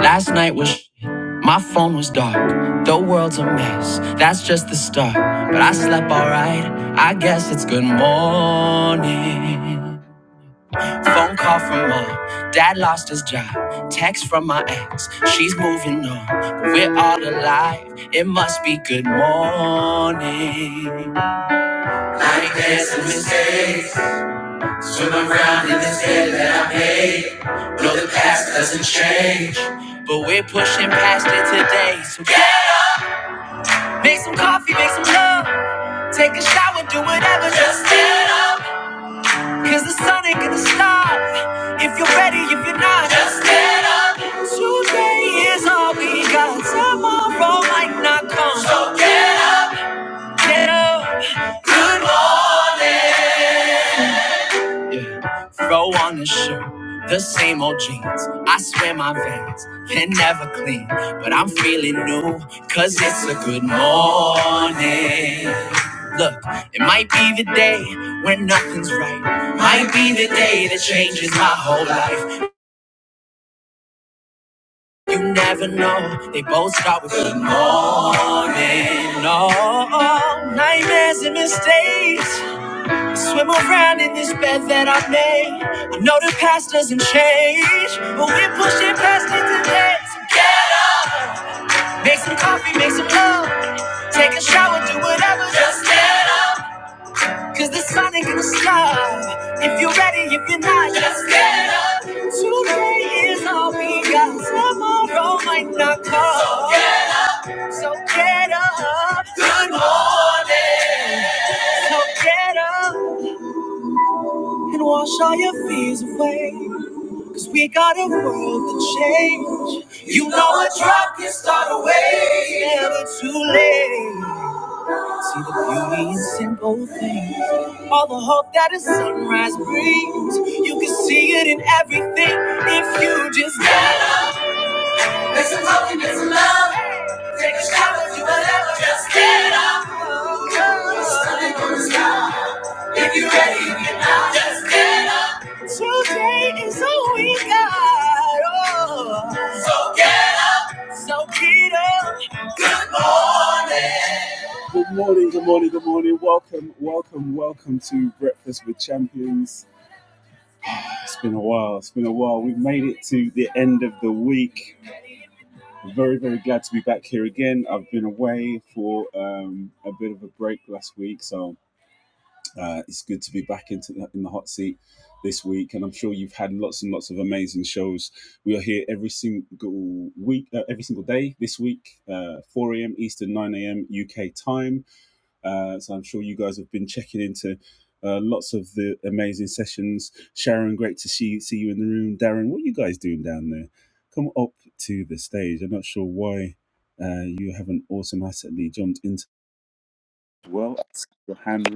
Last night was my phone was dark. The world's a mess. That's just the start. But I slept alright. I guess it's good morning. Phone call from mom. Dad lost his job. Text from my ex. She's moving on. But we're all alive. It must be good morning. I made some mistakes. Swim around in this bed that I made. No, the past doesn't change. But we're pushing past it today. So yeah. make some coffee, make some love. Take a shower, do whatever. Just get up. Cause the sun ain't gonna stop. If you're ready, if you're not, just get up. Today is all we got. Tomorrow might not come. So get up. Get up. Good morning. Yeah. Throw on a shirt, the same old jeans. I swear my veins can never clean, but I'm feeling new, cause it's a good morning. Look, it might be the day when nothing's right, might be the day that changes my whole life. You never know, they both start with good morning. No nightmares and mistakes. Swim around in this bed that I made. I know the past doesn't change, but we're pushing past it today. So get up, make some coffee, make some love, take a shower, do whatever. Just get up, 'cause the sun ain't gonna stop. If you're ready, if you're not, just get up. Today is all we got. Tomorrow might not come. So get So get up. Good morning. So get up and wash all your fears away. Cause we got a world to change. You know a drop can start a wave. never too late. See the beauty in simple things. All the hope that a sunrise brings. You can see it in everything if you just get Make some hope and make some love. Take a shower, do whatever, just get up. Standing on the if you're ready, if you're not, just get up. Today is all we got. Oh. So get up. So get up. Good morning.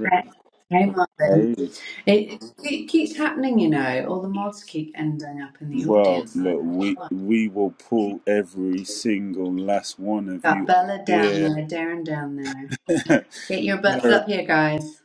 Right. Came on It, it keeps happening, you know. All the mods keep ending up in the audience. And I do Got Bella down there, Darren down there. Get your butts up here, guys.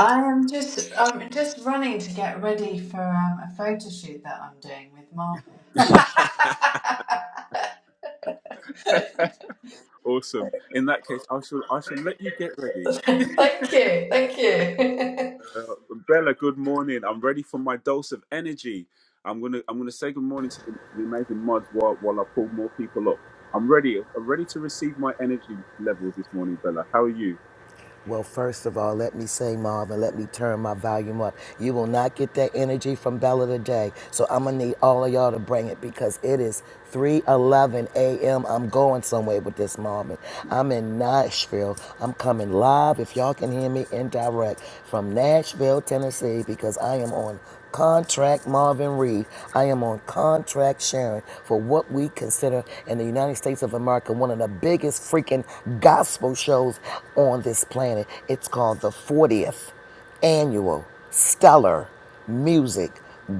I am just I'm just running to get ready for um, a photo shoot that I'm doing with Marvel. thank you, thank you. Well, first of all, let me say, Marvin, let me turn my volume up. You will not get that energy from Bella today. So I'm gonna need all of y'all to bring it because it is 3:11 a.m. I'm going somewhere with this, Marvin. I'm in Nashville. I'm coming live, if y'all can hear me, indirect from Nashville, Tennessee, because I am on Contract Marvin Reed. I am on contract sharing for what we consider in the United States of America one of the biggest freaking gospel shows on this planet. It's called the 40th Annual Stellar Music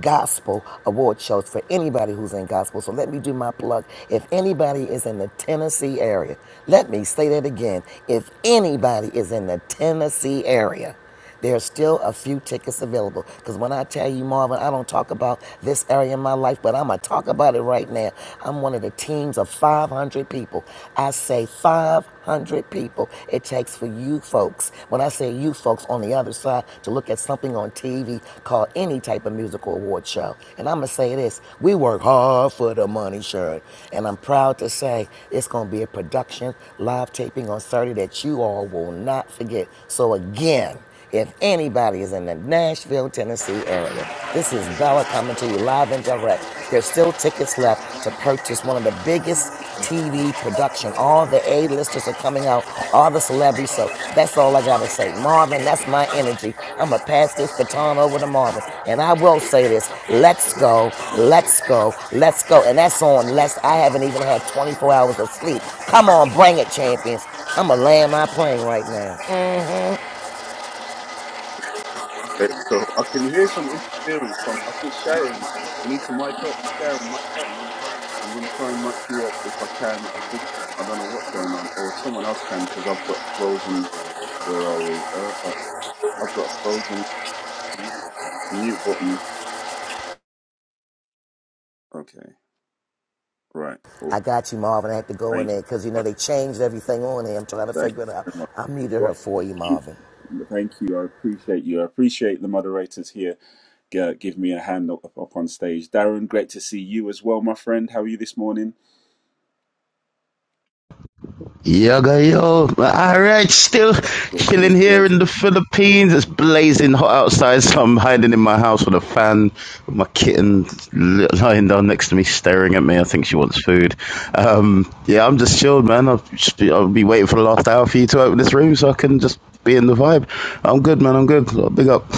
Gospel Award Shows for anybody who's in gospel. So let me do my plug. If anybody is in the Tennessee area, let me say that again. If anybody is in the Tennessee area, there are still a few tickets available. Because when I tell you, Marvin, I don't talk about this area in my life, but I'm going to talk about it right now. I'm one of the teams of 500 people. I say 500 people it takes for you folks, when I say you folks on the other side, to look at something on TV called any type of musical award show. And I'm going to say this we work hard for the money, Sharon. And I'm proud to say it's going to be a production live taping on Saturday that you all will not forget. So, again, if anybody is in the Nashville, Tennessee area, this is Bella coming to you live and direct. There's still tickets left to purchase one of the biggest TV production. All the A-listers are coming out, all the celebrities. So that's all I gotta say. Marvin, that's my energy. I'ma pass this baton over to Marvin. And I will say this. Let's go, let's go, let's go. And that's on less I haven't even had 24 hours of sleep. Come on, bring it, champions. I'ma land my plane right now. I got you, Marvin. I had to go in there because, you know, they changed everything on there. I'm trying to figure it out. I muted her for you, Marvin. Yoga, yo. All right, still chilling here in the Philippines. It's blazing hot outside, so I'm hiding in my house with a fan, with my kitten lying down next to me, staring at me. I think she wants food. Um, yeah, I'm just chilled, man. I'll, just be, I'll be waiting for the last hour for you to open this room so I can just be in the vibe. I'm good, man. I'm good. Big up.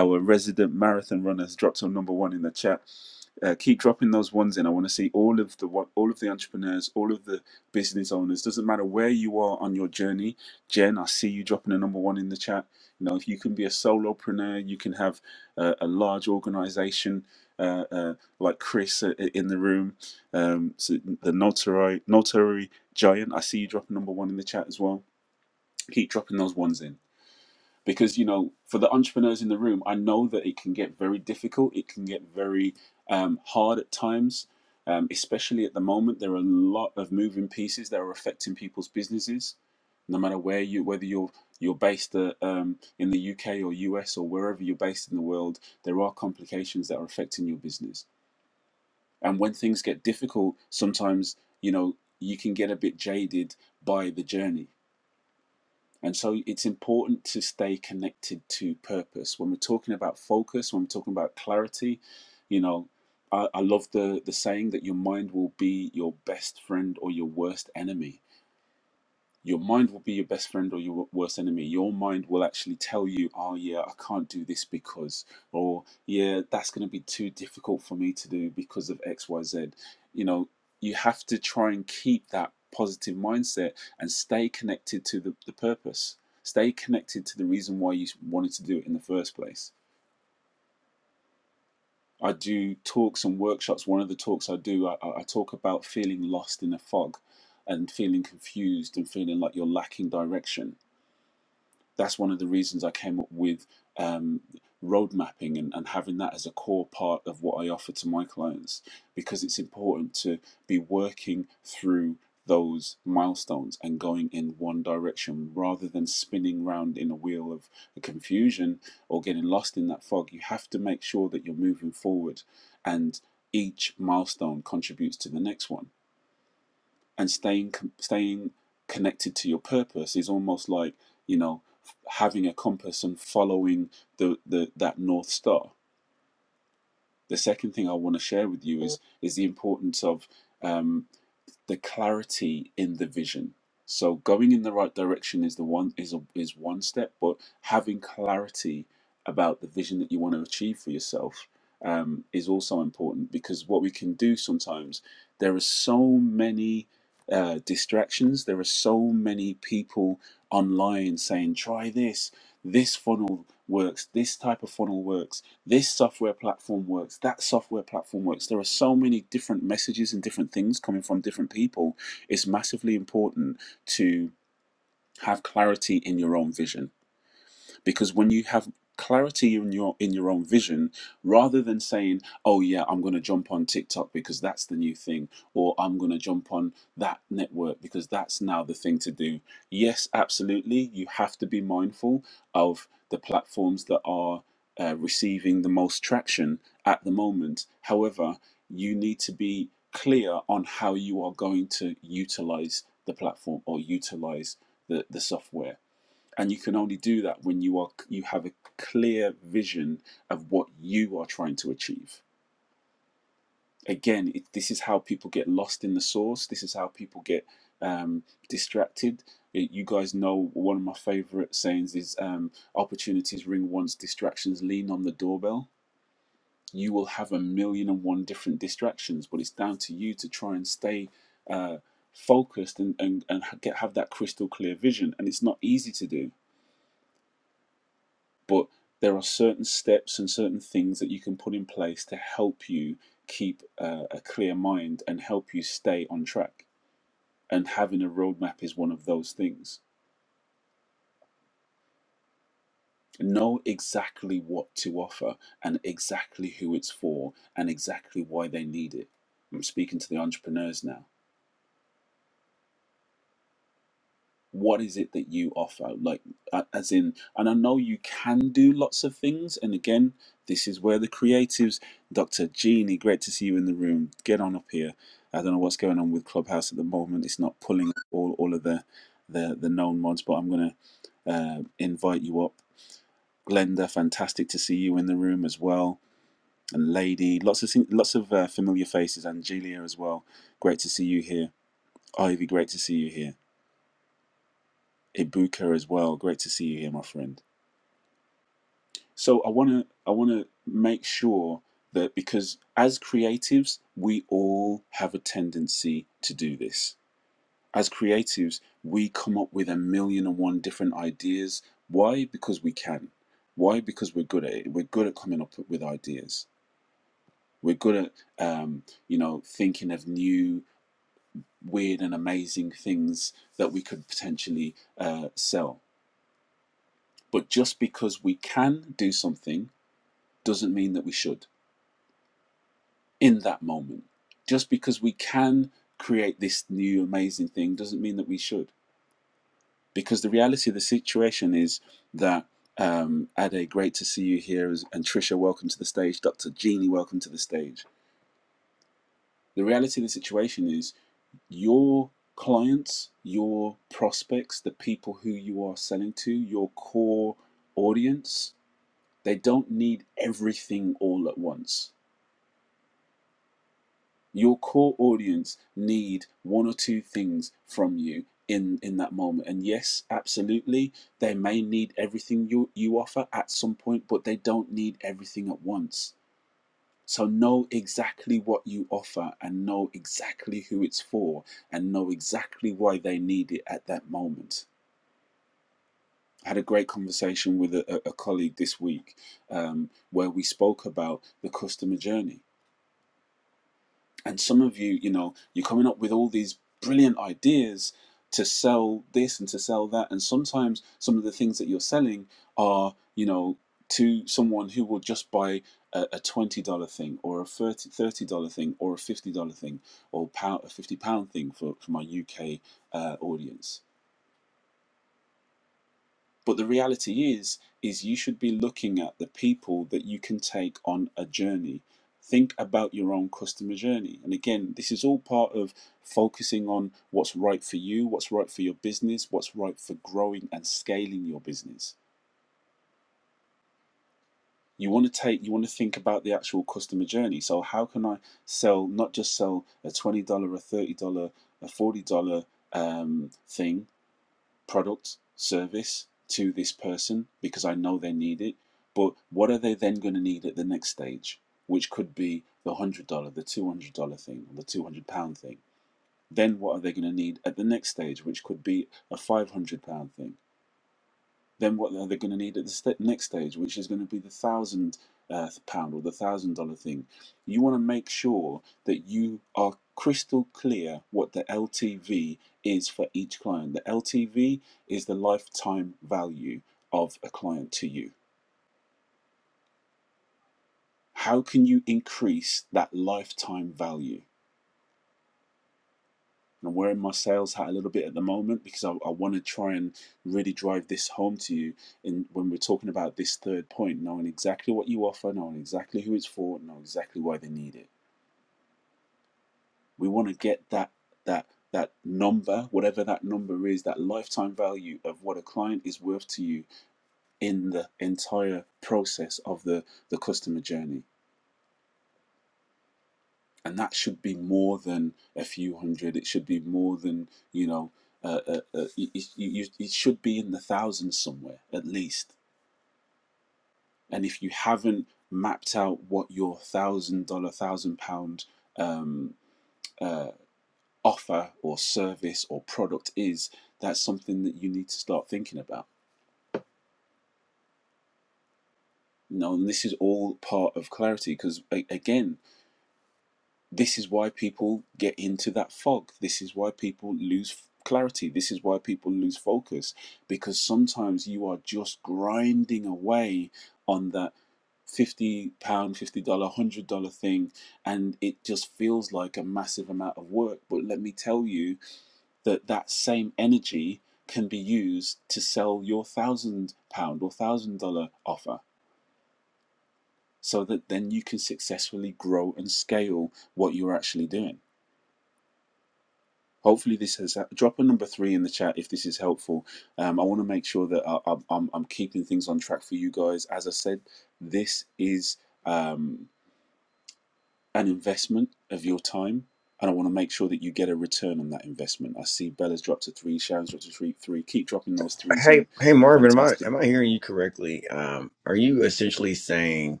Hey, hey, Marvin, am I am I hearing you correctly? Um, are you essentially saying,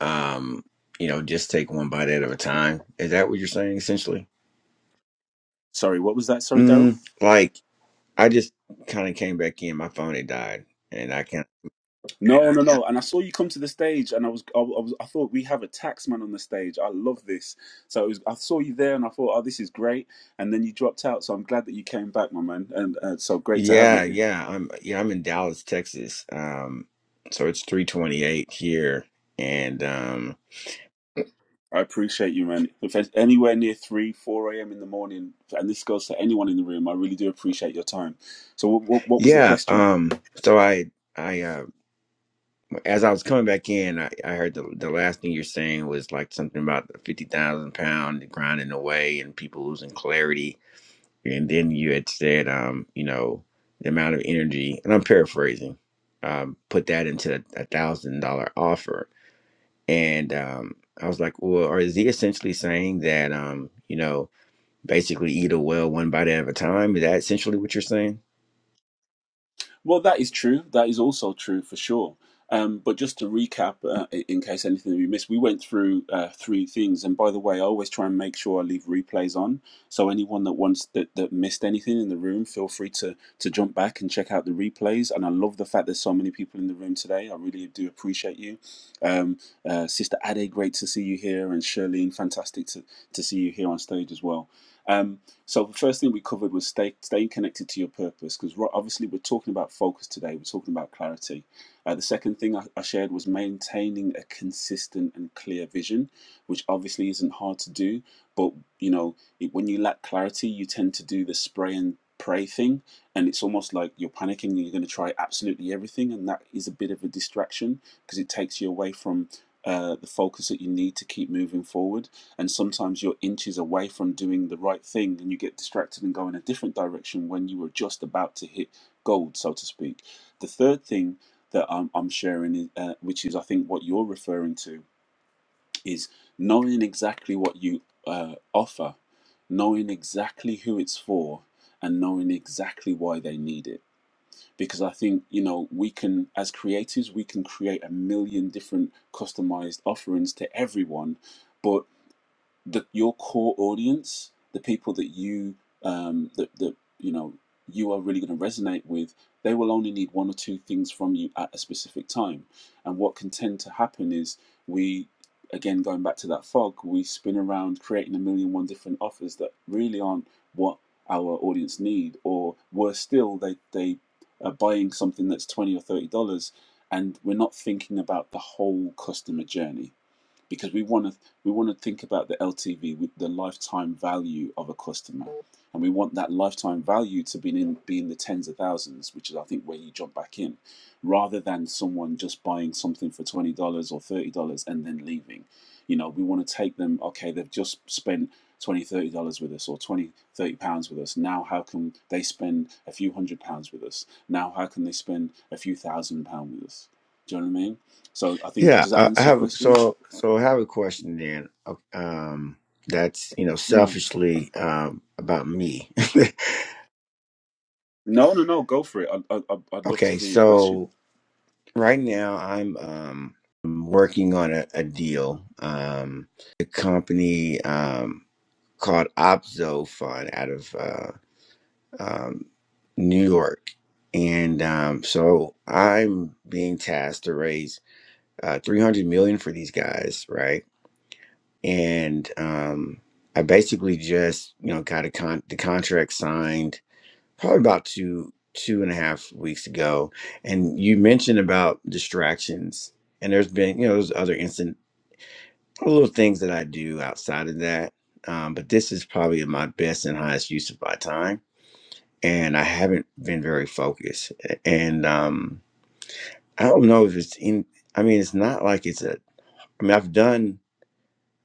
um, you know, just take one bite at a time? Is that what you're saying essentially? Mm, like I just kind of came back in, my phone had died, and I can. not Yeah, yeah, I'm yeah, I'm in Dallas, Texas. Um, so it's 3:28 here, and um, yeah, um, so I I uh, as I was coming back in, I, I heard the the last thing you're saying was like something about the fifty thousand pound grinding away and people losing clarity. And then you had said, um, you know, the amount of energy, and I'm paraphrasing, um, put that into a thousand dollar offer. And um, I was like, well, or is he essentially saying that, um, you know, basically eat a well one bite at a time? Is that essentially what you're saying? Yeah, I, I have so so I have a question then. Um, that's you know selfishly um about me. okay, so right now I'm um working on a, a deal. Um, a company um called Opzo Fund out of uh, um, New York, and um, so I'm being tasked to raise uh 300 million for these guys, right? and um, I basically just you know got a con- the contract signed probably about two two and a half weeks ago. And you mentioned about distractions, and there's been you know there's other instant little things that I do outside of that, um, but this is probably my best and highest use of my time. And I haven't been very focused, A- and um, I don't know if it's in. I mean, it's not like it's a. I mean, I've done.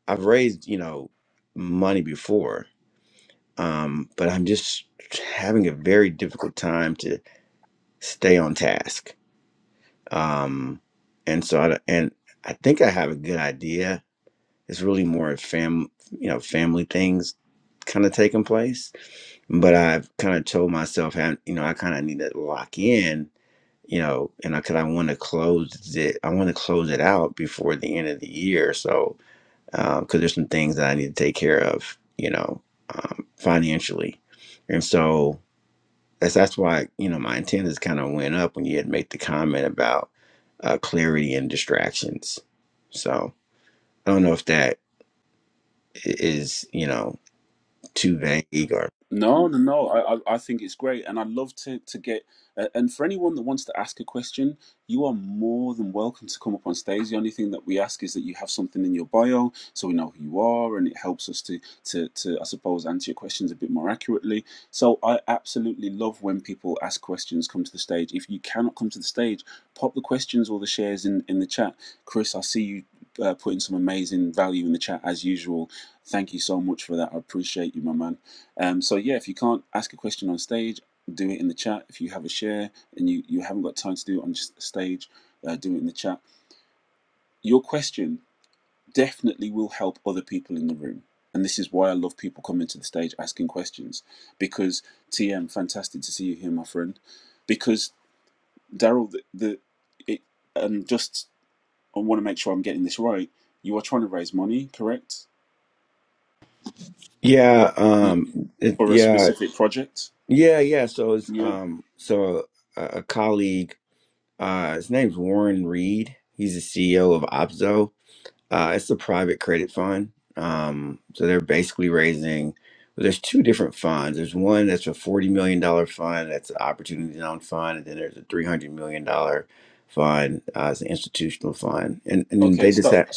I've raised you know money before, um, but I'm just having a very difficult time to stay on task. Um, and so, I, and I think I have a good idea. It's really more fam, you know, family things kind of taking place. But I've kind of told myself, I- you know, I kind of need to lock in, you know, and I, cause I want to close it, I want to close it out before the end of the year. So, um, cause there's some things that I need to take care of, you know, um, financially. And so, That's that's why you know my antennas kind of went up when you had made the comment about uh, clarity and distractions. So I don't know if that i- is you know too vague or yeah um it, yeah yeah yeah. So it's um so a, a colleague uh his name's Warren Reed. He's the CEO of Opzo Uh, it's a private credit fund. Um, so they're basically raising, well, there's two different funds. There's one that's a $40 million dollar fund, that's an opportunity zone fund, and then there's a $300 million dollar fund, uh, it's an institutional fund. And, and they just have,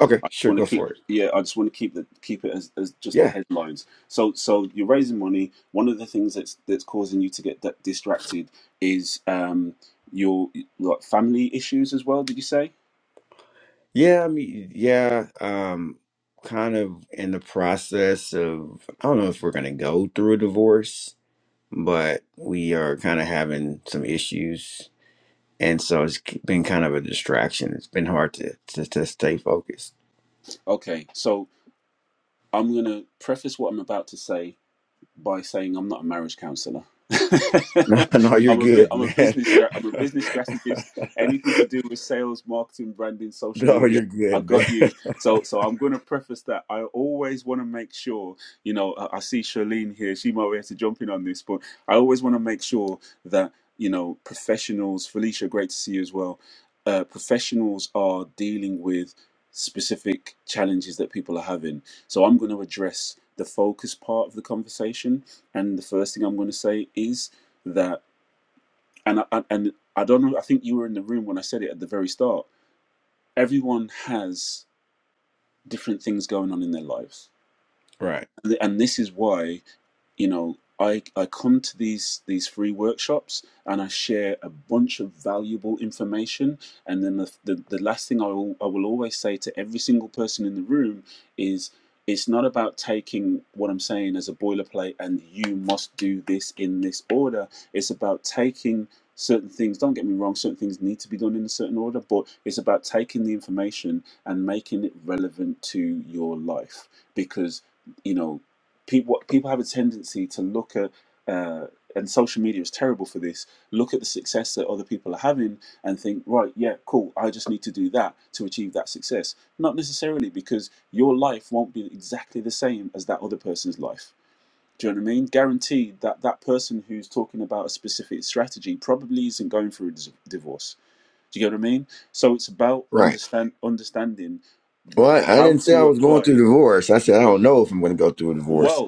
okay, sure, go for it. Yeah. Yeah. I mean, yeah. Um, kind of in the process of, I don't know if we're going to go through a divorce, but we are kind of having some issues and so it's been kind of a distraction. It's been hard to to, to stay focused. No, no, you're good, man. no, you're good, man. Right, Right. Well, I, I didn't say I was going through divorce. I said I don't know if I'm going to go through a divorce.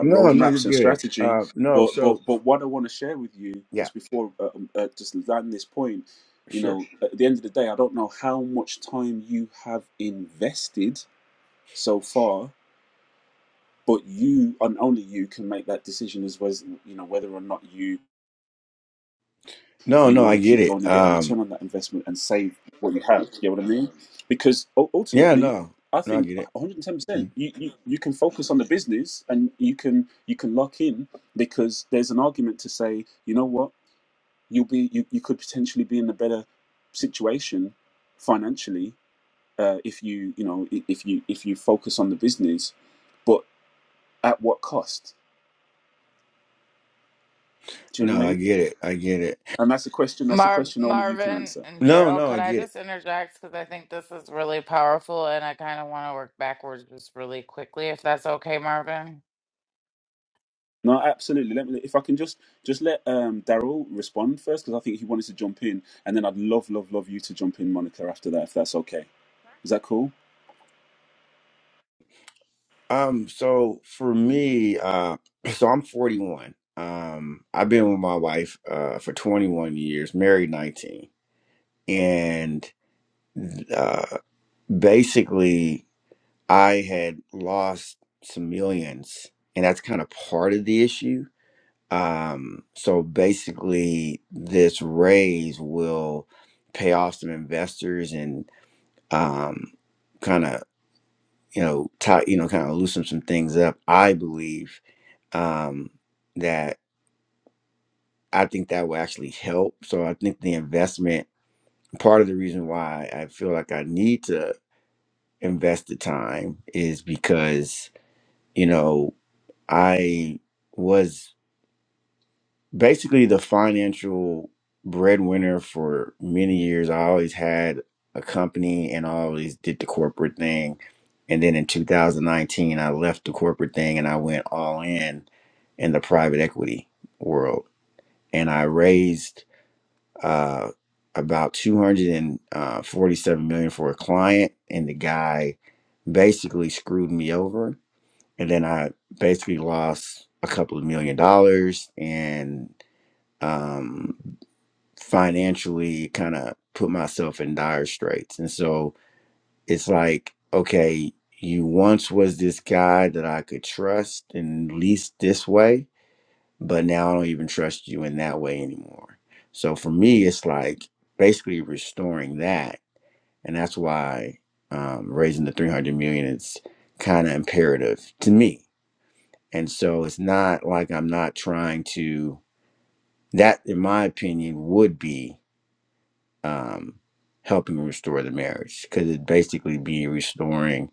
No, no, you're good. Uh, no, so yeah, sure. No, no, I get it. Um, yeah, no, no, I get it. Mm-hmm. No, I get it. I get it. Mar- Marvin and No, Daryl, no, I could I get it. just interject? Because I think this is really powerful and I kind of want to work backwards just really quickly, if that's okay, Marvin. Um, so for me, uh, so I'm 41. Um, I've been with my wife uh, for 21 years, married 19, and uh, basically, I had lost some millions, and that's kind of part of the issue. Um, so basically, this raise will pay off some investors and um, kind of you know, tie, you know, kind of loosen some things up, I believe um, that I think that will actually help. So I think the investment, part of the reason why I feel like I need to invest the time is because, you know, I was basically the financial breadwinner for many years. I always had a company and I always did the corporate thing. And then in 2019, I left the corporate thing and I went all in in the private equity world. And I raised uh, about 247 million dollars for a client and the guy basically screwed me over and then i basically lost a couple of million dollars and um, financially kind of put myself in dire straits and so it's like okay you once was this guy that i could trust and lease this way but now I don't even trust you in that way anymore. So for me, it's like basically restoring that, and that's why um, raising the three hundred million is kind of imperative to me. And so it's not like I'm not trying to. That, in my opinion, would be um, helping restore the marriage because it basically be restoring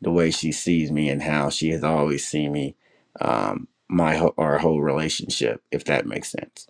the way she sees me and how she has always seen me, um, my whole- our whole relationship, if that makes sense.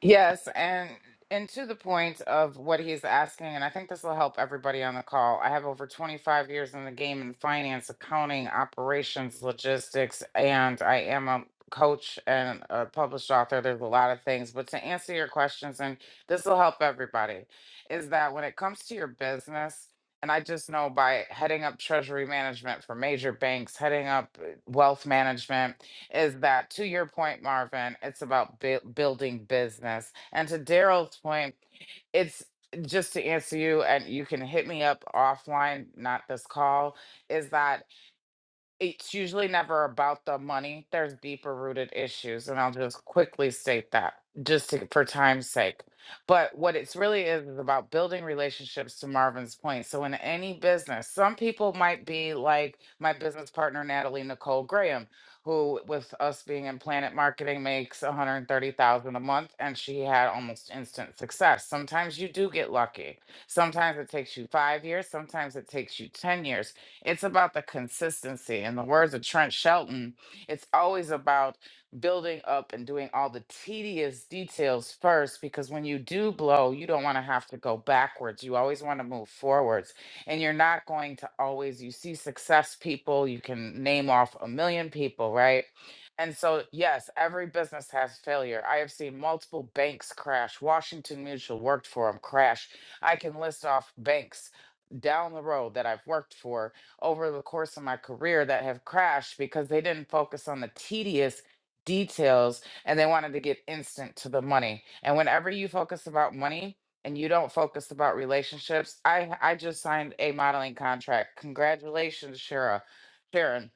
Yes, and and to the point of what he's asking, and I think this will help everybody on the call. I have over 25 years in the game in finance, accounting, operations, logistics, and I am a coach and a published author. There's a lot of things, but to answer your questions, and this will help everybody, is that when it comes to your business, and I just know by heading up treasury management for major banks, heading up uh, wealth management, is that to your point, Marvin, it's about bu- building business. And to Daryl's point, it's just to answer you, and you can hit me up offline, not this call, is that it's usually never about the money. There's deeper rooted issues, and I'll just quickly state that just to, for time's sake. But what it's really is is about building relationships to Marvin's point. So in any business, some people might be like my business partner Natalie Nicole Graham, who with us being in Planet Marketing makes 130,000 a month and she had almost instant success. Sometimes you do get lucky. Sometimes it takes you 5 years, sometimes it takes you 10 years it's about the consistency. In the words of Trent Shelton, it's always about building up and doing all the tedious details first because when you do blow, you don't want to have to go backwards. You always want to move forwards. And you're not going to always, you see success people, you can name off a million people, right? And so, yes, every business has failure. I have seen multiple banks crash. Washington Mutual worked for them, crash. I can list off banks down the road that I've worked for over the course of my career that have crashed because they didn't focus on the tedious details and they wanted to get instant to the money. And whenever you focus about money and you don't focus about relationships, I I just signed a modeling contract. Congratulations, Shara. Sharon.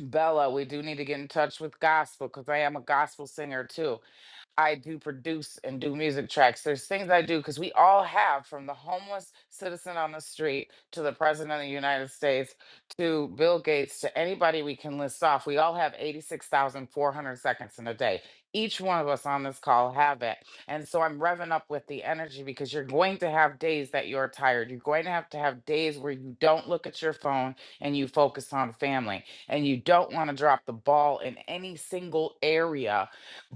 Bella, we do need to get in touch with gospel because I am a gospel singer too. I do produce and do music tracks. There's things I do because we all have from the homeless citizen on the street to the president of the United States to Bill Gates to anybody we can list off. We all have 86,400 seconds in a day. Each one of us on this call have it. And so I'm revving up with the energy because you're going to have days that you're tired. You're going to have to have days where you don't look at your phone and you focus on family. And you don't want to drop the ball in any single area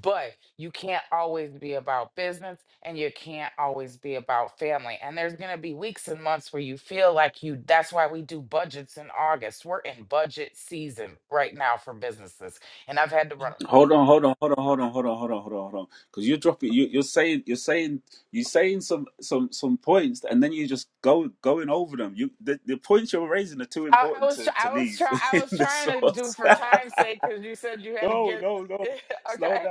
but you can't always be about business and you can't always be about family and there's going to be weeks and months where you feel like you that's why we do budgets in august we're in budget season right now for businesses and i've had to run 'em. i, I was tr- i was trying i was trying to do for time's sake because you said you had to get okay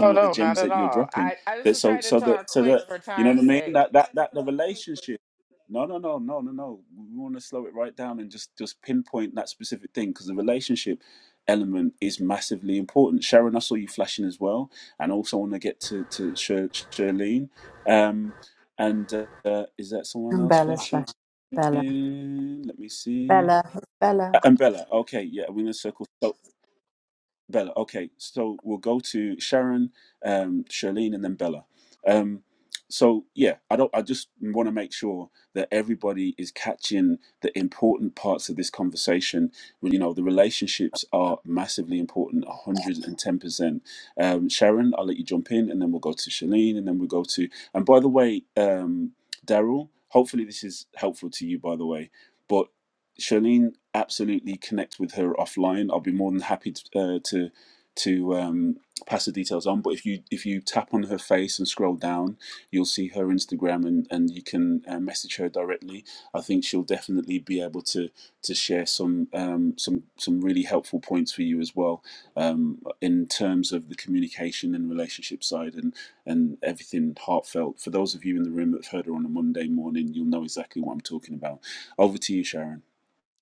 oh no not at all i i just was trying to talk quick for time's sake And Bella's flash. Bella. Bella. Bella.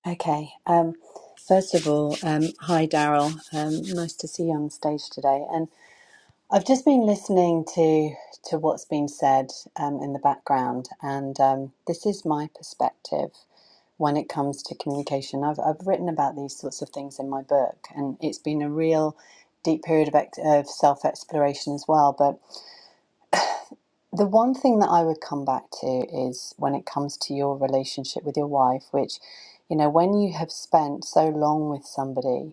Okay. Um, first of all, um, hi Daryl. Um, nice to see you on stage today. I've just been listening to to what's been said um, in the background, and um, this is my perspective when it comes to communication. I've I've written about these sorts of things in my book, and it's been a real deep period of, ex- of self exploration as well. But the one thing that I would come back to is when it comes to your relationship with your wife, which you know when you have spent so long with somebody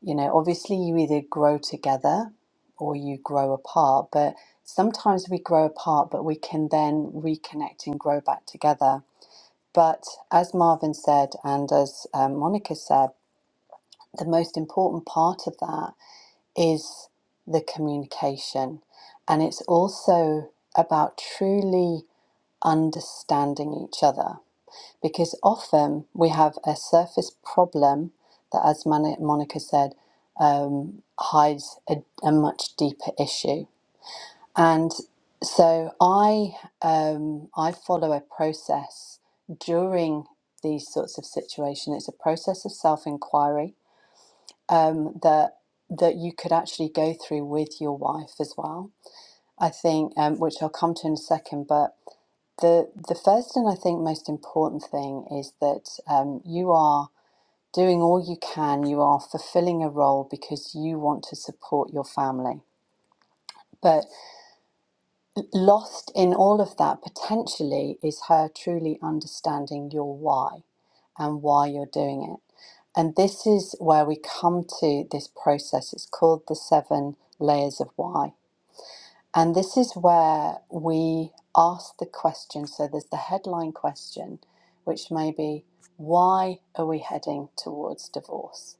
you know, obviously, you either grow together or you grow apart, but sometimes we grow apart, but we can then reconnect and grow back together. But as Marvin said, and as um, Monica said, the most important part of that is the communication. And it's also about truly understanding each other because often we have a surface problem that, as Monica said, um, hides a, a much deeper issue. And so I um, I follow a process during these sorts of situations. It's a process of self inquiry um, that that you could actually go through with your wife as well. I think, um, which I'll come to in a second, but the the first and I think most important thing is that um, you are doing all you can. You are fulfilling a role because you want to support your family. But lost in all of that potentially is her truly understanding your why and why you're doing it. And this is where we come to this process. It's called the seven layers of why. And this is where we ask the question. So there's the headline question, which may be, why are we heading towards divorce?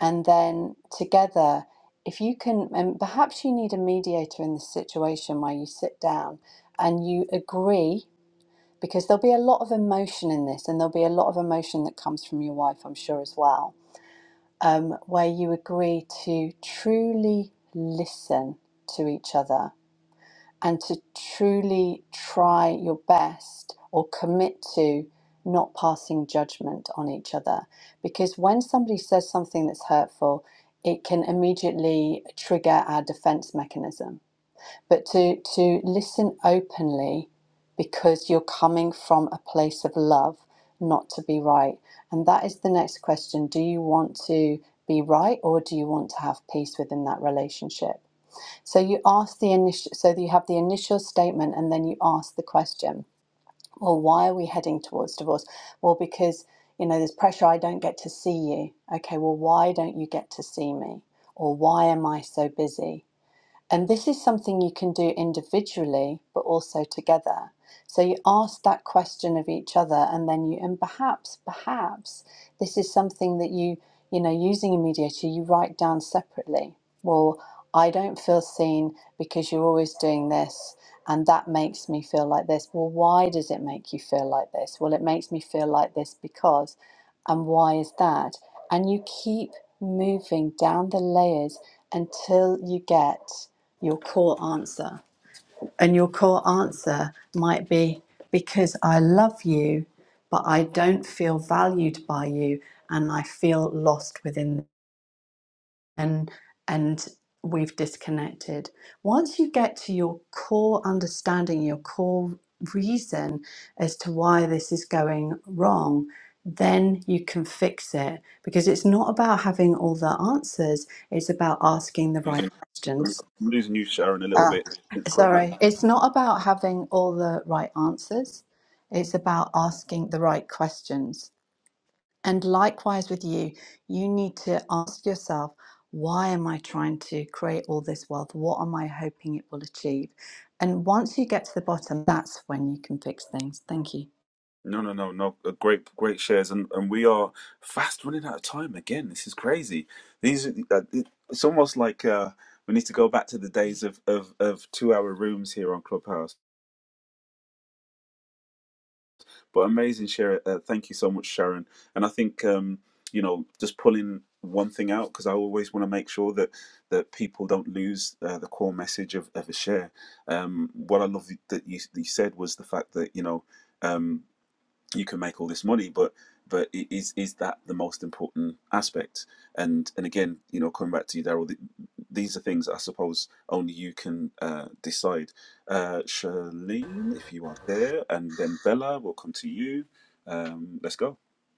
And then together, if you can, and perhaps you need a mediator in this situation where you sit down and you agree, because there'll be a lot of emotion in this, and there'll be a lot of emotion that comes from your wife, I'm sure, as well, um, where you agree to truly listen to each other and to truly try your best or commit to not passing judgment on each other. Because when somebody says something that's hurtful, it can immediately trigger our defense mechanism. But to, to listen openly because you're coming from a place of love, not to be right. And that is the next question. Do you want to be right or do you want to have peace within that relationship? So you ask the initial, so you have the initial statement, and then you ask the question. Well, why are we heading towards divorce? Well, because you know there's pressure. I don't get to see you. Okay. Well, why don't you get to see me? Or why am I so busy? And this is something you can do individually, but also together. So you ask that question of each other, and then you, and perhaps, perhaps this is something that you, you know, using a mediator, you write down separately. Well, I don't feel seen because you're always doing this, and that makes me feel like this. Well, why does it make you feel like this? Well, it makes me feel like this because, and why is that? And you keep moving down the layers until you get your core answer. And your core answer might be because I love you, but I don't feel valued by you and I feel lost within and and we've disconnected. Once you get to your core understanding, your core reason as to why this is going wrong, then you can fix it because it's not about having all the answers, it's about asking the right questions. Ah, sorry. It's not about having all the right answers. It's about asking the right questions. And likewise with you, you need to ask yourself, why am I trying to create all this wealth? What am I hoping it will achieve? And once you get to the bottom, that's when you can fix things. Thank you.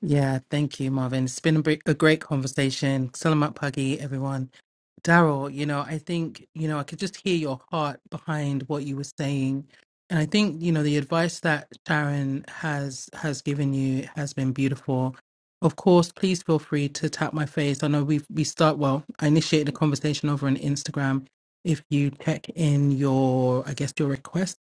Yeah, thank you, Marvin. It's been a, br- a great conversation. Salamat pagi, everyone. Daryl, you know, I think, you know, I could just hear your heart behind what you were saying. And I think, you know, the advice that Sharon has has given you has been beautiful. Of course, please feel free to tap my face. I know we we start well, I initiated a conversation over on Instagram. If you check in your, I guess your request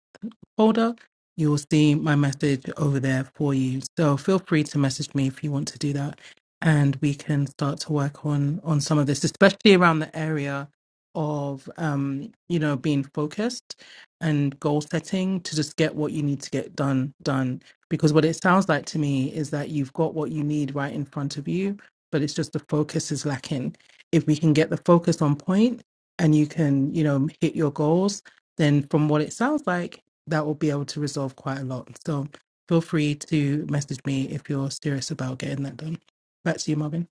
folder, you will see my message over there for you. So feel free to message me if you want to do that, and we can start to work on on some of this, especially around the area of um, you know being focused and goal setting to just get what you need to get done done. Because what it sounds like to me is that you've got what you need right in front of you, but it's just the focus is lacking. If we can get the focus on point and you can, you know, hit your goals, then from what it sounds like, that will be able to resolve quite a lot. So feel free to message me if you're serious about getting that done. Back to you, Marvin.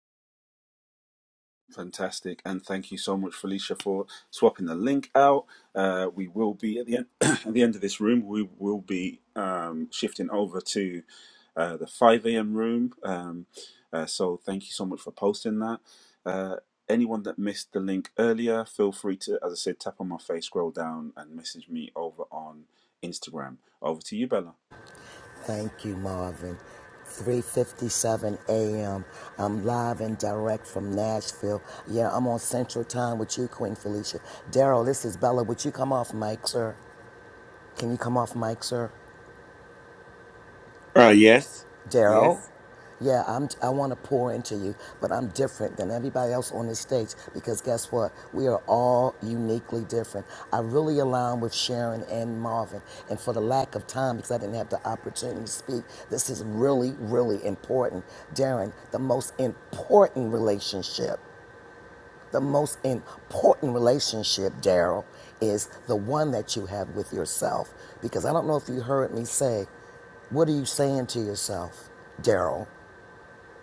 Thank you, Marvin. 3:57 a.m. I'm live and direct from Nashville. Yeah, I'm on Central Time with you, Queen Felicia. Daryl, this is Bella. Would you come off mic, sir? Can you come off mic, sir? Uh, yes. Daryl, Yes. yeah, I'm, I want to pour into you, but I'm different than everybody else on this stage because guess what? We are all uniquely different. I really align with Sharon and Marvin. And for the lack of time, because I didn't have the opportunity to speak, this is really, really important. Darren, the most important relationship the most important relationship, Daryl, is the one that you have with yourself. Because I don't know if you heard me say, what are you saying to yourself, Daryl,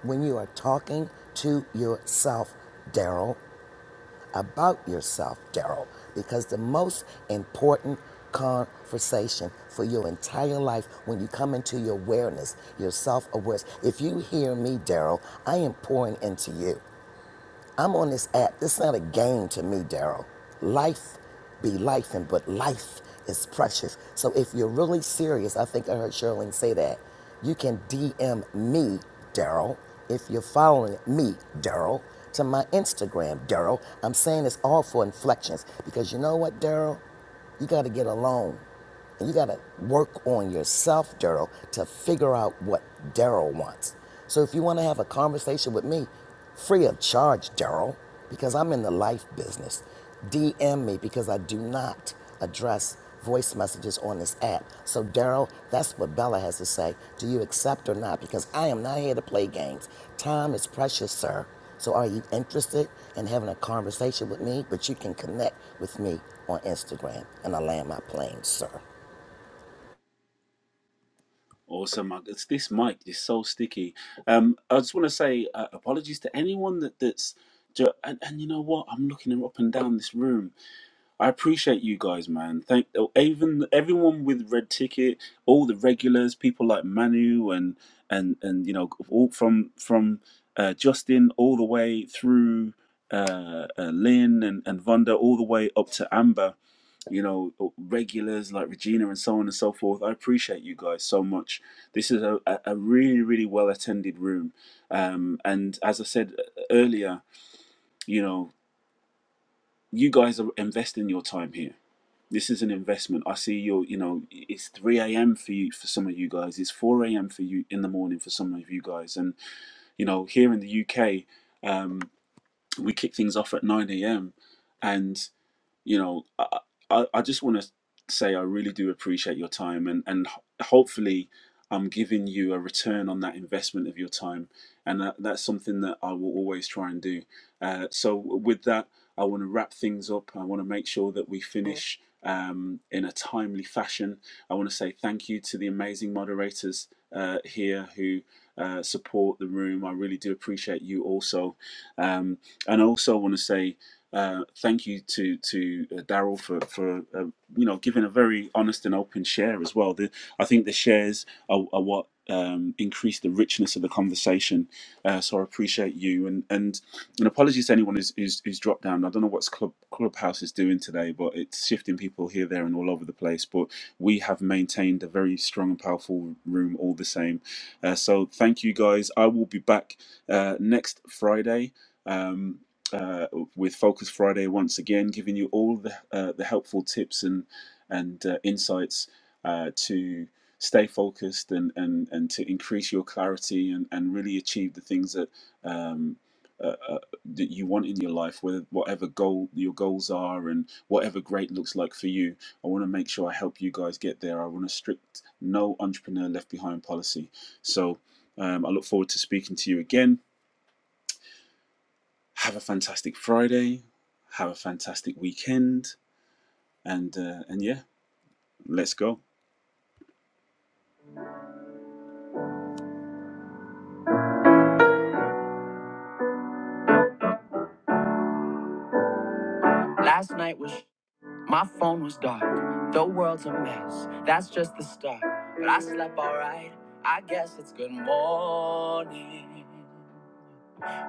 when you are talking to yourself, Daryl, about yourself, Daryl? Because the most important conversation for your entire life when you come into your awareness, your self awareness, if you hear me, Daryl, I am pouring into you. I'm on this app. This is not a game to me, Daryl. Life be life, and but life is precious. So if you're really serious, I think I heard Sherlene say that. You can DM me, Daryl, if you're following me, Daryl, to my Instagram, Daryl. I'm saying this all for inflections because you know what, Daryl? You got to get alone. You got to work on yourself, Daryl, to figure out what Daryl wants. So if you want to have a conversation with me, free of charge, Daryl, because I'm in the life business, DM me because I do not address voice messages on this app. So, Daryl, that's what Bella has to say. Do you accept or not? Because I am not here to play games. Time is precious, sir. So are you interested in having a conversation with me? But you can connect with me on Instagram and I land my plane, sir. Last night was. My phone was dark. The world's a mess. That's just the start. But I slept alright. I guess it's good morning.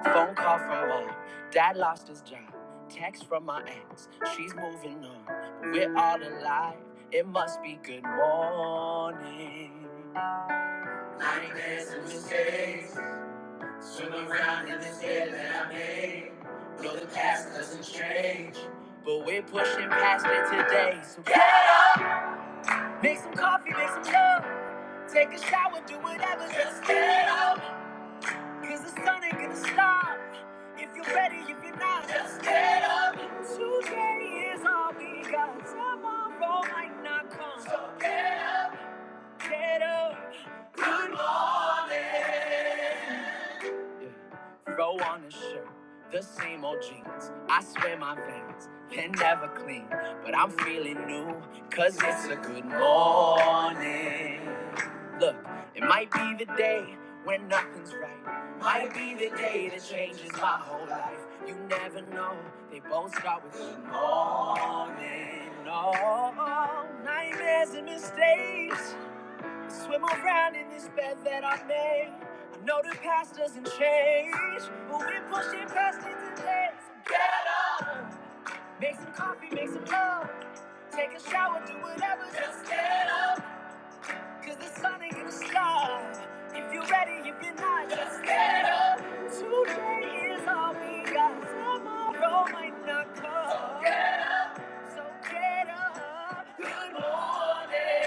Phone call from mom. Dad lost his job. Text from my ex. She's moving on. But we're all alive. It must be good morning. Nightmares and mistakes. Swim around in this head. But we're pushing past it today. So yeah, make some coffee, make some love. Take a shower, do whatever, just get up. Cause the sun ain't gonna stop. If you're ready, if you're not, just get up. Today is all we got. Tomorrow might not come. So get up. Get up. Good. Yeah. Throw on a shirt, the same old jeans. I swear my veins, they're never clean. But I'm feeling new, cause it's a good morning. Look, it might be the day when nothing's right. Might be the day that changes my whole life. You never know, they both start with good morning. Oh, nightmares and mistakes. Swim around in this bed that I made. I know the past doesn't change, but we're pushing past it today. So get up, make some coffee, make some love, take a shower, do whatever, just get up. Cause the sun ain't gonna stop. If you're ready, if you're not, just get up. Today is all we got. Tomorrow might not come. So get up. Good morning.